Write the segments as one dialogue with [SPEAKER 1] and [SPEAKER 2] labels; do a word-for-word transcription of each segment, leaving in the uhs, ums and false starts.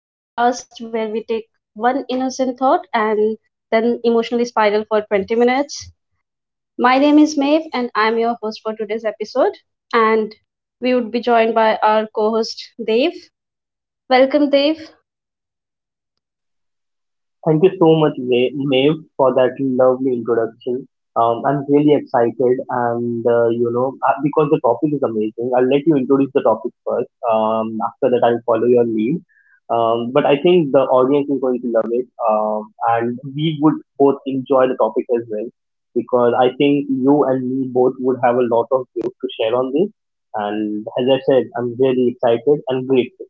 [SPEAKER 1] the podcast where we take one innocent thought and then emotionally spiral for twenty minutes. My name is Maeve, and I'm your host for today's episode. And we would be joined by our co host, Dave. Welcome, Dave.
[SPEAKER 2] Thank you so much, Mae, Maeve, for that lovely introduction. Um, I'm really excited, and uh, you know, uh, because the topic is amazing, I'll let you introduce the topic first. Um, after that, I'll follow your lead. Um, but I think the audience is going to love it, um, and we would both enjoy the topic as well, because I think you and me both would have a lot of views to share on this. And as I said, I'm really excited and grateful.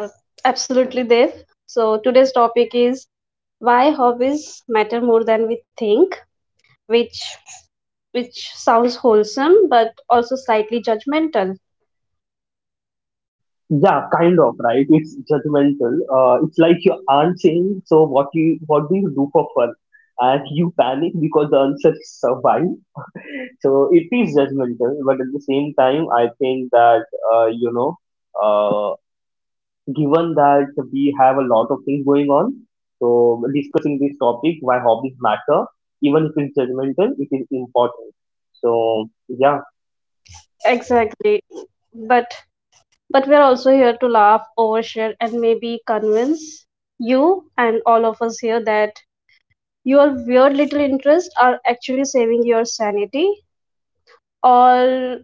[SPEAKER 1] Uh, Absolutely, Dave. So today's topic is why hobbies matter more than we think, which which sounds wholesome but also slightly judgmental.
[SPEAKER 2] Yeah, kind of, right? It's judgmental. Uh, it's like your aunt saying, "So what you what do you do for fun?" And you panic because the answer is survive. So it is judgmental, but at the same time, I think that uh, you know, uh, given that we have a lot of things going on, so discussing this topic, why hobbies matter, even if it's judgmental, it is important. So yeah,
[SPEAKER 1] Exactly. But But we're also here to laugh, overshare, and maybe convince you and all of us here that your weird little interests are actually saving your sanity, or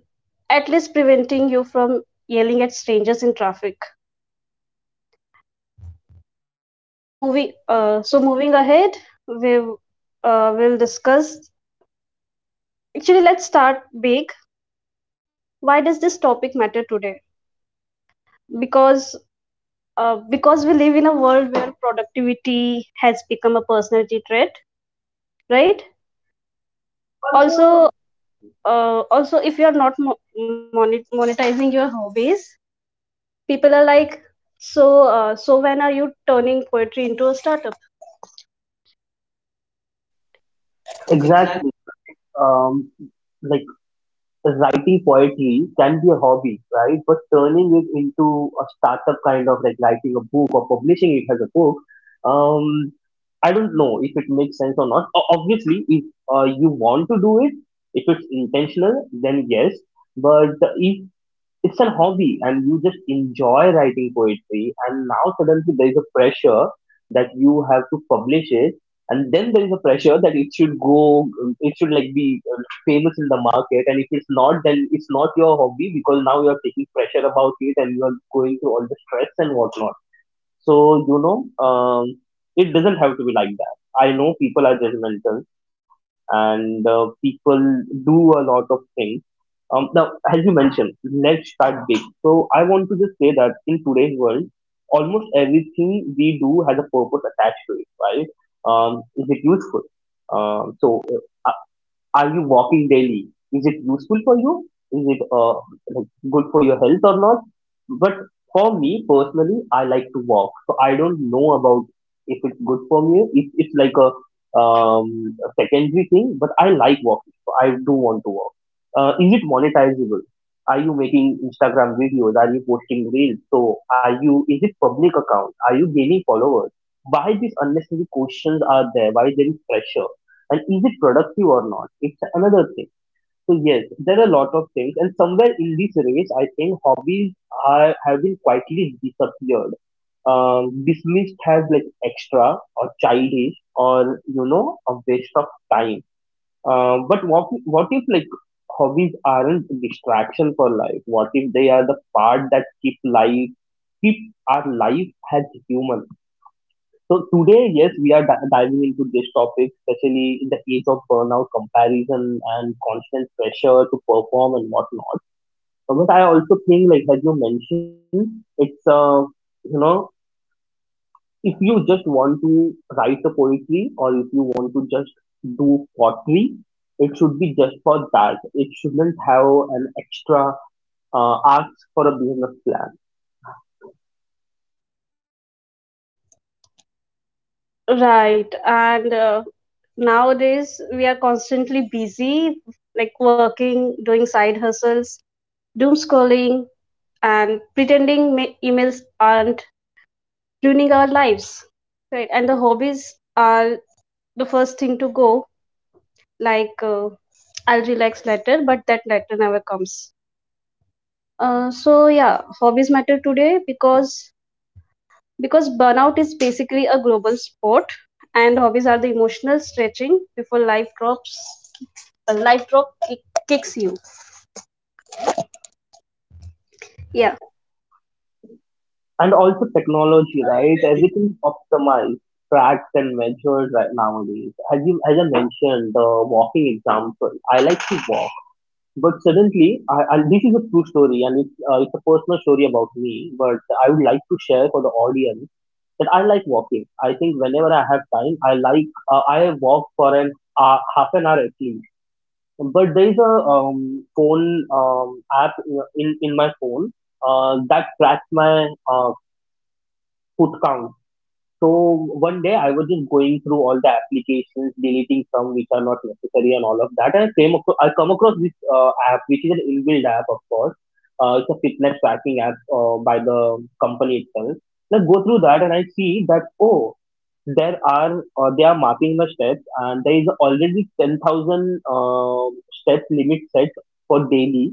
[SPEAKER 1] at least preventing you from yelling at strangers in traffic. So moving, uh, so moving ahead, we uh, will discuss. Actually, let's start big. Why does this topic matter today? Because uh, because we live in a world where productivity has become a personality trait, right? also uh, also if you are not mo- monet- monetizing your hobbies, people are like, so uh, so when are you turning poetry into a startup? Exactly.
[SPEAKER 2] exactly, right? Um, like writing poetry can be a hobby, right? But turning it into a startup, kind of like writing a book or publishing it as a book, um, I don't know if it makes sense or not. O- Obviously, if uh, you want to do it, if it's intentional, then yes. But if it's a hobby and you just enjoy writing poetry and now suddenly there is a pressure that you have to publish it, and then there is a pressure that it should go it should like be uh, famous in the market, and if it's not, then it's not your hobby, because now you are taking pressure about it and you are going through all the stress and whatnot. So, you know, um, it doesn't have to be like that. I know people are judgmental, and uh, people do a lot of things. Um, now, as you mentioned, let's start big. So, I want to just say that in today's world, almost everything we do has a purpose attached to it, right? Um, is it useful? Um, so, uh, are you walking daily? Is it useful for you? Is it uh, like good for your health or not? But for me personally, I like to walk, so I don't know about if it's good for me. It, it's like a, um, a secondary thing, but I like walking, so I do want to walk. Uh, is it monetizable? Are you making Instagram videos? Are you posting reels? So are you? Is it public account? Are you gaining followers? Why these unnecessary questions are there? Why there is pressure? And is it productive or not, it's another thing. So yes, there are a lot of things, and somewhere in this race I think hobbies are have been quietly disappeared, um, dismissed as like extra or childish or you know a waste of time. Um, but what what if like hobbies aren't a distraction for life? What if they are the part that keep life keep our life as human? So today, yes, we are di- diving into this topic, especially in the age of burnout, comparison, and constant pressure to perform and whatnot. But what I also think, like as you mentioned, it's uh, you know, if you just want to write a poetry or if you want to just do pottery, it should be just for that. It shouldn't have an extra uh, ask for a business plan.
[SPEAKER 1] Right. And uh, nowadays we are constantly busy, like working, doing side hustles, doom scrolling, and pretending ma- emails aren't ruining our lives, right? And the hobbies are the first thing to go. like uh, I'll relax later, but that later never comes. Uh, so yeah, hobbies matter today because because burnout is basically a global sport, and hobbies are the emotional stretching before life drops. Life drop kick, kicks you. Yeah.
[SPEAKER 2] And also technology, right? Everything's optimized, tracked and measured right nowadays. As you, as I mentioned, the walking example. I like to walk, but suddenly, I, I, this is a true story, and it's, uh, it's a personal story about me. But I would like to share for the audience that I like walking. I think whenever I have time, I like uh, I walk for an uh, half an hour at least. But there is a um, phone um, app, in in my phone, uh, that tracks my uh, foot count. So one day I was just going through all the applications, deleting some which are not necessary and all of that. And I came across, I come across this uh, app, which is an inbuilt app, of course. Uh, it's a fitness tracking app uh, by the company itself. And I go through that and I see that, oh, there are uh, they are mapping my steps, and there is already ten thousand uh, steps limit set for daily,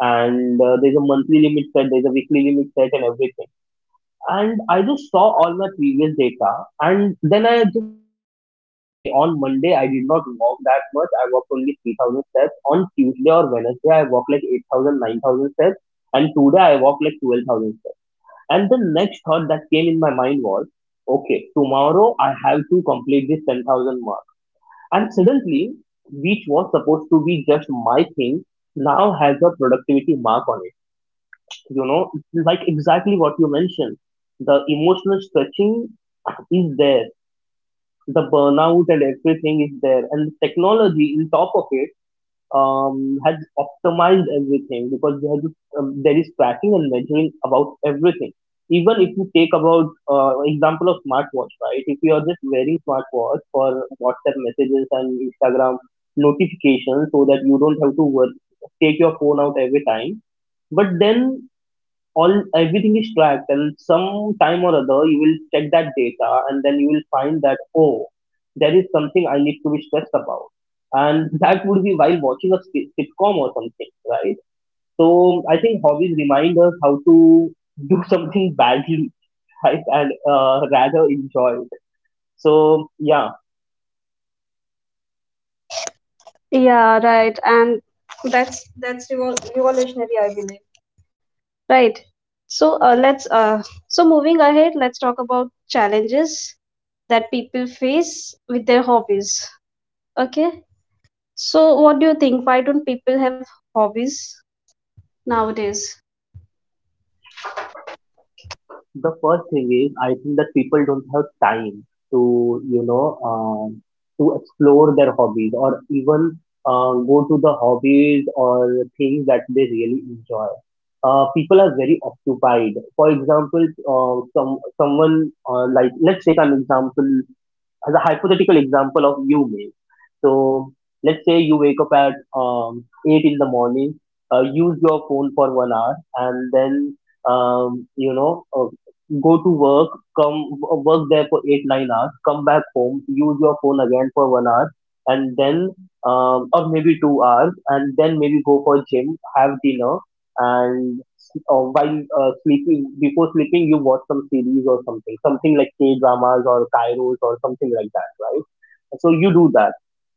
[SPEAKER 2] and uh, there's a monthly limit set, there's a weekly limit set and everything. And I just saw all my previous data, and then I just saw that, okay, on Monday I did not walk that much. I walked only three thousand steps. On Tuesday or Wednesday, I walked like eight thousand, nine thousand steps. And today I walked like twelve thousand steps. And the next thought that came in my mind was, okay, tomorrow I have to complete this ten thousand mark. And suddenly, which was supposed to be just my thing, now has a productivity mark on it. You know, it's like exactly what you mentioned. The emotional stretching is there, the burnout and everything is there, and the technology in top of it um, has optimized everything, because there is, um, there is tracking and measuring about everything. Even if you take about uh, example of smartwatch, right? If you are just wearing smartwatch for WhatsApp messages and Instagram notifications, so that you don't have to work, take your phone out every time, but then all everything is tracked, and some time or other you will check that data and then you will find that, oh, there is something I need to be stressed about. And that would be while watching a sit- sitcom or something, right? So I think hobbies remind us how to do something badly, right, and uh, rather enjoy it. So yeah.
[SPEAKER 1] Yeah. Right. And that's that's revol- revolutionary, I believe. Right. So uh, let's uh, so moving ahead, let's talk about challenges that people face with their hobbies. Okay. So what do you think? Why don't people have hobbies nowadays?
[SPEAKER 2] The first thing is, I think that people don't have time to, you know, um, to explore their hobbies or even uh, go to the hobbies or things that they really enjoy. Uh, people are very occupied. For example, uh, some someone uh, like, let's take an example as a hypothetical example of you may. So let's say you wake up at um, eight in the morning, uh, use your phone for one hour, and then um, you know uh, go to work, come w- work there for eight nine hours, come back home, use your phone again for one hour, and then um, or maybe two hours, and then maybe go for gym, have dinner, and uh, while uh, sleeping before sleeping you watch some series or something something like K dramas or Kairos or something like that, right? So you do that.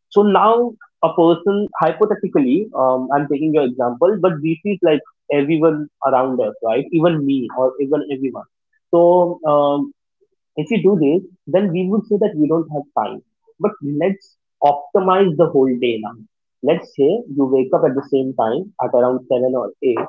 [SPEAKER 2] So now a person hypothetically, um, I'm taking your example, but this is like everyone around us, right? Even me or even everyone. So um, if we do this, then we would say that we don't have time. But let's optimize the whole day now. Let's say you wake up at the same time at around seven or eight,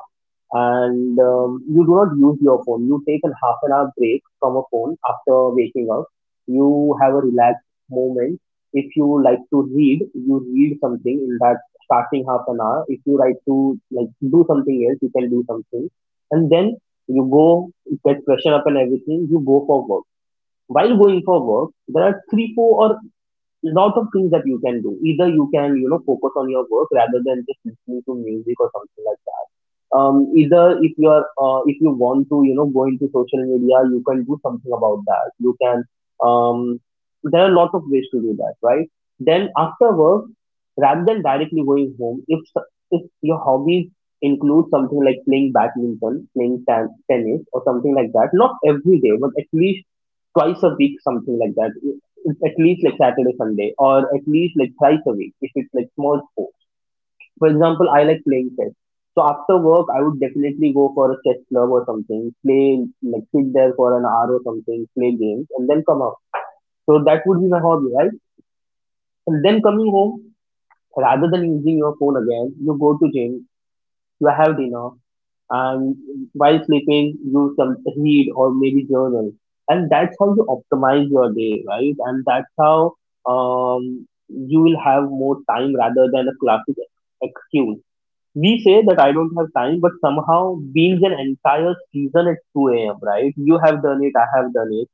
[SPEAKER 2] and um, you do not use your phone. You take a half an hour break from a phone after waking up. You have a relaxed moment. If you like to read, you read something in that starting half an hour. If you like to like do something else, you can do something, and then you go get freshen up and everything. You go for work. While going for work, there are three, four, or lot of things that you can do. Either you can, you know, focus on your work rather than just listening to music or something like that. Um, either if you are, uh, if you want to, you know, go into social media, you can do something about that. You can, um, there are a lot of ways to do that, right? Then after work, rather than directly going home, if s- if your hobbies include something like playing badminton, playing tan- tennis, or something like that, not every day, but at least twice a week, something like that, at least like Saturday, Sunday, or at least like thrice a week if it's like small sport. For example, I like playing chess. So after work, I would definitely go for a chess club or something, play like sit there for an hour or something, play games, and then come out. So that would be my hobby, right? And then coming home, rather than using your phone again, you go to gym, you have dinner, and while sleeping you some read or maybe journal, and that's how you optimize your day, right? And that's how um, you will have more time rather than a classic excuse. We say that I don't have time, but somehow being an entire season at two a m a.m, right? You have done it, I have done it.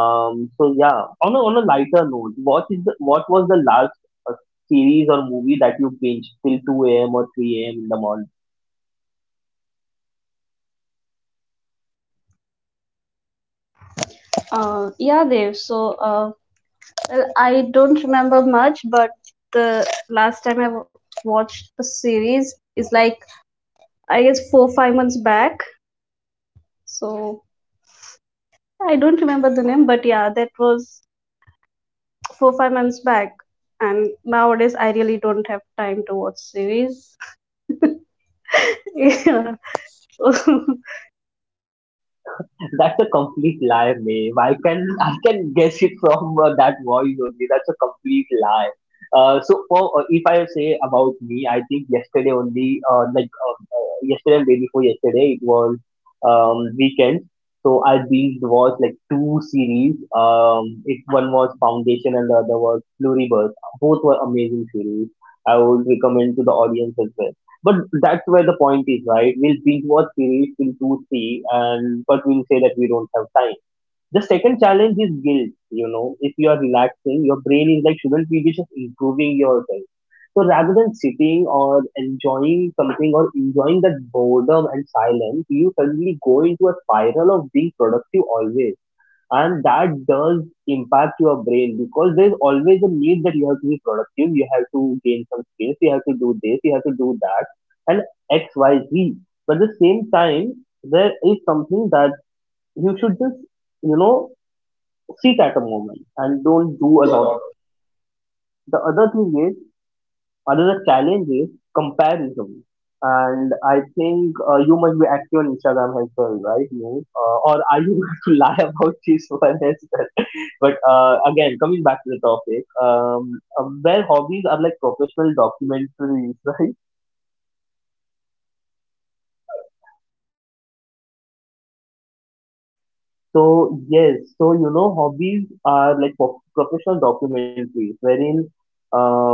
[SPEAKER 2] um, So yeah, on a, on a lighter note, what is the, what was the last uh, series or movie that you binged till two a m a.m or three a m a.m in the morning?
[SPEAKER 1] Uh, yeah, Dev. So, uh, well, I don't remember much, but the last time I w- watched a series is, like, I guess, four five months back. So I don't remember the name, but yeah, that was four five months back. And nowadays, I really don't have time to watch series. Yeah. So,
[SPEAKER 2] That's a complete lie, Maeve. I can I can guess it from uh, that voice only. That's a complete lie. Uh, so for, uh, if I say about me, I think yesterday only, uh, like uh, uh, yesterday and day before yesterday, it was um, weekend. So I binged watched like two series. Um, it one was Foundation and the other was Pluribus. Both were amazing series. I would recommend to the audience as well. But that's where the point is, right? We'll binge watch series till two, three, and but we'll say that we don't have time. The second challenge is guilt. You know, if you are relaxing, your brain is like, shouldn't we be just improving yourself? So rather than sitting or enjoying something or enjoying that boredom and silence, you suddenly go into a spiral of being productive always, and that does impact your brain because there's always a need that you have to be productive, you have to gain some space, you have to do this, you have to do that, and xyz. But at the same time, there is something that you should just, you know, sit at a moment and don't do a lot of it. The other thing is Another challenge is comparison, and I think uh, you must be active on Instagram as well, right? No. Uh, or are you going to lie about this one as well? But uh, again, coming back to the topic, um, um, where hobbies are like professional documentaries, right? So yes, so you know, hobbies are like pro- professional documentaries, wherein um,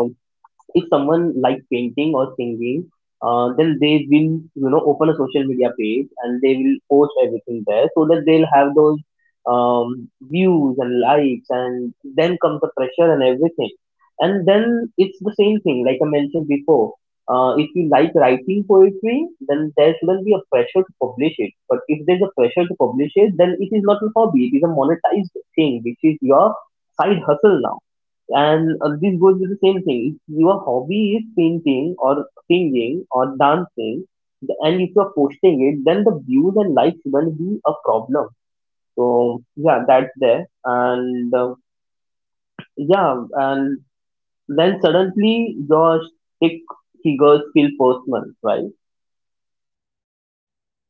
[SPEAKER 2] if someone like painting or singing, uh, then they will, you know, open a social media page and they will post everything there so that they'll have those um, views and likes, and then comes the pressure and everything. And then it's the same thing like I mentioned before. Uh, if you like writing poetry, then there shouldn't be a pressure to publish it. But if there's a pressure to publish it, then it is not a hobby. It is a monetized thing, which is your side hustle now. And uh, this goes with the same thing. If your hobby is painting or singing or dancing, th- and if you're posting it, then the views and likes will be a problem. So yeah, that's there. And uh, yeah, and then suddenly your stick figures feel personal, right?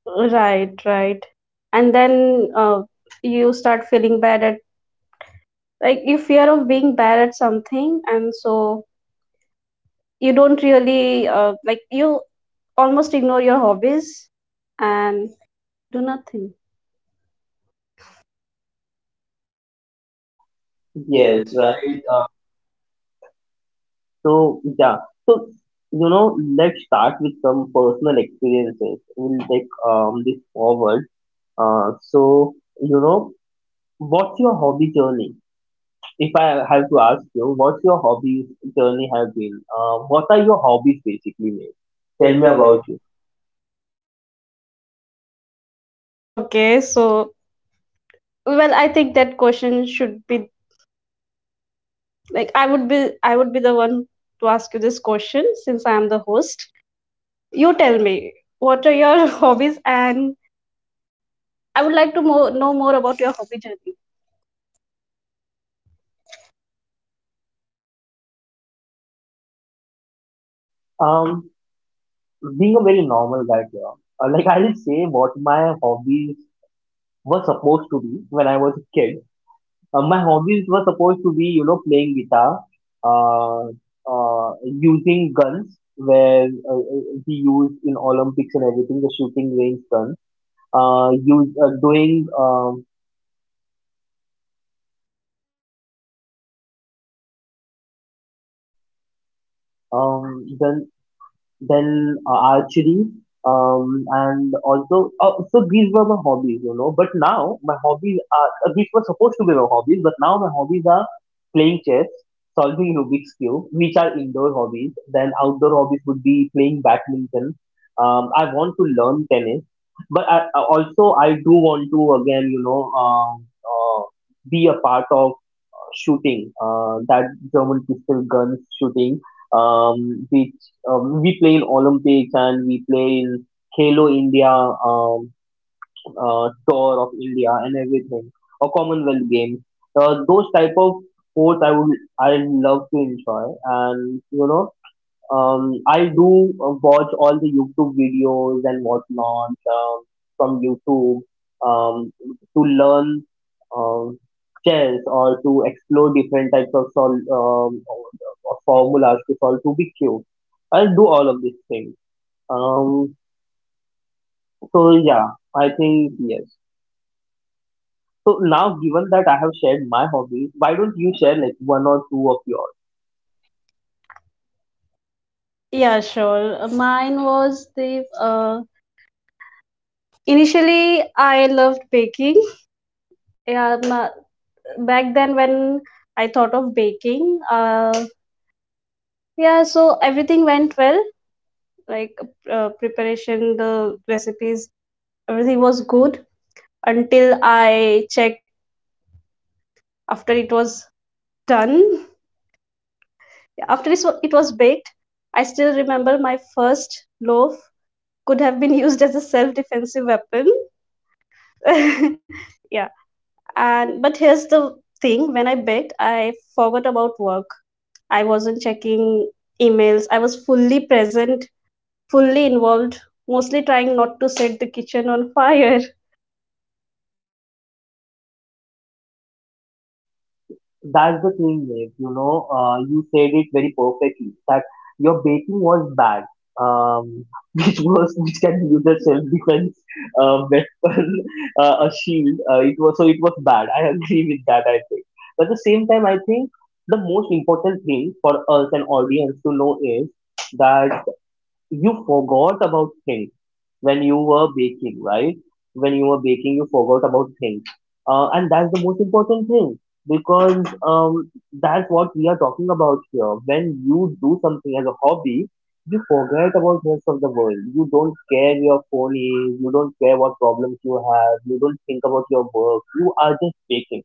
[SPEAKER 1] right, right. And then uh, you start feeling bad at, like, you fear of being bad at something, and so you don't really, uh, like, you almost ignore your hobbies and do nothing.
[SPEAKER 2] Yes,
[SPEAKER 1] Yes,
[SPEAKER 2] right.
[SPEAKER 1] right.
[SPEAKER 2] Uh, so yeah, so you know, let's start with some personal experiences. We'll take um this forward. Uh, so you know, what's your hobby journey? If I have to ask you, what's your hobby journey have been? Um, what are your hobbies basically, mate? Tell
[SPEAKER 1] Tell
[SPEAKER 2] me
[SPEAKER 1] me about
[SPEAKER 2] about
[SPEAKER 1] it.
[SPEAKER 2] it.
[SPEAKER 1] Okay, so, well, I think that question should be, like, I would be, I would be the one to ask you this question since I am the host. You tell me, what are your hobbies, and I would like to mo know more about your hobby journey.
[SPEAKER 2] Um, being a very normal guy here, uh, like I'll say what my hobbies were supposed to be when I was a kid. Uh, my hobbies were supposed to be, you know, playing guitar, uh, uh, using guns where uh, uh, we use in Olympics and everything, the shooting range gun, uh, use, uh, doing, um, um, the then uh, archery, um, and also uh, so these were my hobbies, you know, but now my hobbies are, uh, these were supposed to be my hobbies, but now my hobbies are playing chess, solving rubik's cube, which are indoor hobbies. Then outdoor hobbies would be playing badminton. um, I want to learn tennis, but I, I also I do want to, again, you know, um uh, be a part of shooting, uh, that German pistol guns shooting, um, which um, we play in Olympics and we play in Halo India, um, uh, tour of India and everything, or Commonwealth Games. Uh, those type of sports I would, I love to enjoy, and you know, um, I do uh, watch all the YouTube videos and whatnot, um, from YouTube um, to learn um, chess or to explore different types of sol- um, of formulas to solve to be cute. I'll do all of these things. Um, so yeah, I think yes. So now, given that I have shared my hobbies, why don't you share like one or two of yours?
[SPEAKER 1] Yeah, sure. Mine was the uh, Initially I loved baking. Yeah, ma- Back then when I thought of baking, uh, yeah, so everything went well. Like, uh, preparation, the recipes, everything was good until I checked after it was done. After this, wa- it was baked. I still remember my first loaf could have been used as a self-defensive weapon. Yeah. And but here's the thing: when I baked, I forgot about work. I wasn't checking emails. I was fully present, fully involved, mostly trying not to set the kitchen on fire.
[SPEAKER 2] That's the thing, Dev. You know, uh, you said it very perfectly that your baking was bad, um, which was which can be used as self-defense uh, weapon, uh, a shield. Uh, it was, so it was bad. I agree with that. I think, but at the same time, I think the most important thing for us an audience to know is that you forgot about things when you were baking, right? When you were baking, you forgot about things. Uh, and that's the most important thing because um, that's what we are talking about here. When you do something as a hobby, you forget about rest of the world. You don't care your phone is, you don't care what problems you have, you don't think about your work. You are just baking.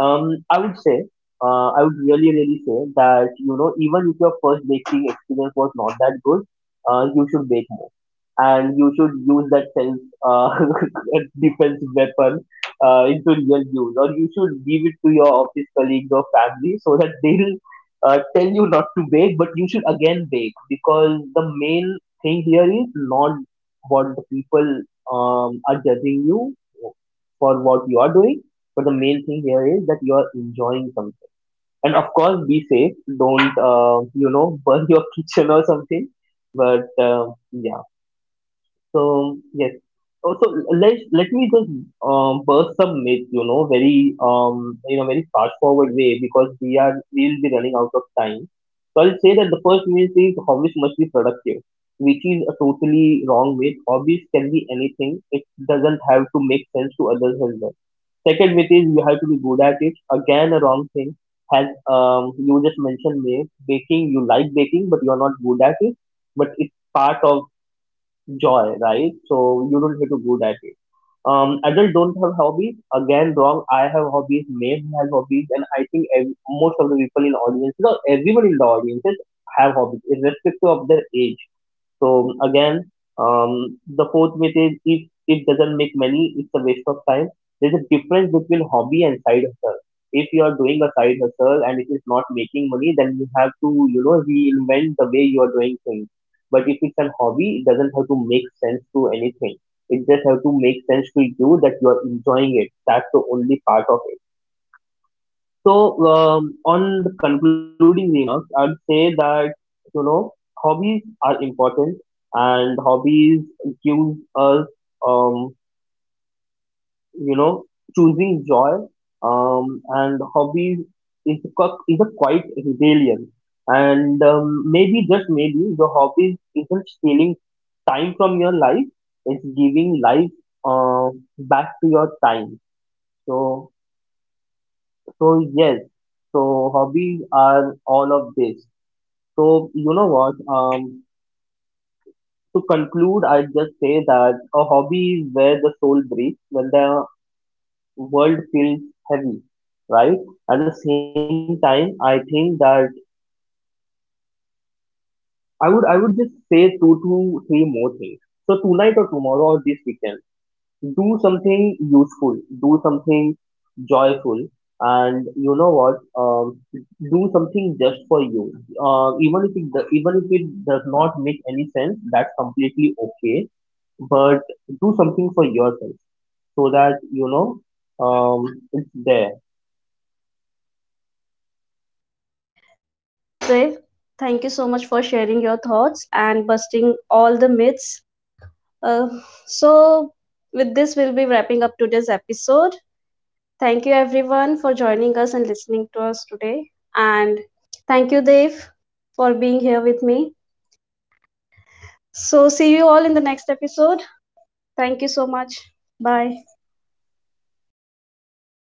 [SPEAKER 2] um, I would say, uh, I would really, really say that, you know, even if your first baking experience was not that good, uh, you should bake more. And you should use that self uh, defense weapon uh, into real use. Or you should give it to your office colleagues or family so that they'll uh, tell you not to bake, but you should again bake because the main thing here is not what the people um, are judging you for what you are doing, but the main thing here is that you're enjoying something. And of course, be safe. Don't, uh, you know, burn your kitchen or something. But uh, yeah. So yes. Also, let let me just um, burst some myths, you know, very um, you know, very fast forward way because we are, we'll be running out of time. So I'll say that the first myth is hobbies must be productive, which is a totally wrong myth. Hobbies can be anything; it doesn't have to make sense to others as well. Second myth is you have to be good at it. Again, a wrong thing. Has um, you just mentioned me baking. You like baking, but you are not good at it. But it's part of joy, right? So you don't have to good at it. Um, adults don't have hobbies. Again, wrong. I have hobbies. Maeve has hobbies, and I think ev- most of the people in audiences or everyone in the audiences have hobbies, irrespective of their age. So again, um, the fourth myth is if it doesn't make money, it's a waste of time. There's a difference between hobby and side hustle. If you are doing a side hustle and it is not making money, then you have to, you know, reinvent the way you are doing things. But if it's a hobby, it doesn't have to make sense to anything. It just have to make sense to you that you are enjoying it. That's the only part of, so, um, on the concluding remarks, I'd say that, you know, hobbies are important, and hobbies gives us, um, you know, choosing joy, um, and hobbies is a qu- is a quite rebellion, and um, maybe just maybe your hobbies isn't stealing time from your life; it's giving life uh, back to your time. So, so yes, so hobbies are all of this. So you know what? Um, to conclude, I just say that a hobby is where the soul breathes when the world feels heavy, right? At the same time, I think that I would I would just say two to three more things. So tonight or tomorrow or this weekend, do something useful, do something joyful, and you know what? Um, do something just for you. Uh, even if it do- even if it does not make any sense, that's completely okay. But do something for yourself so that you know, um, it's there.
[SPEAKER 1] Yes, Dave. Thank you so much for sharing your thoughts and busting all the myths. Uh, so with this, we'll be wrapping up today's episode. Thank you, everyone, for joining us and listening to us today. And thank you, Dave, for being here with me. So, see you all in the next episode. Thank you so much. Bye.
[SPEAKER 2] Just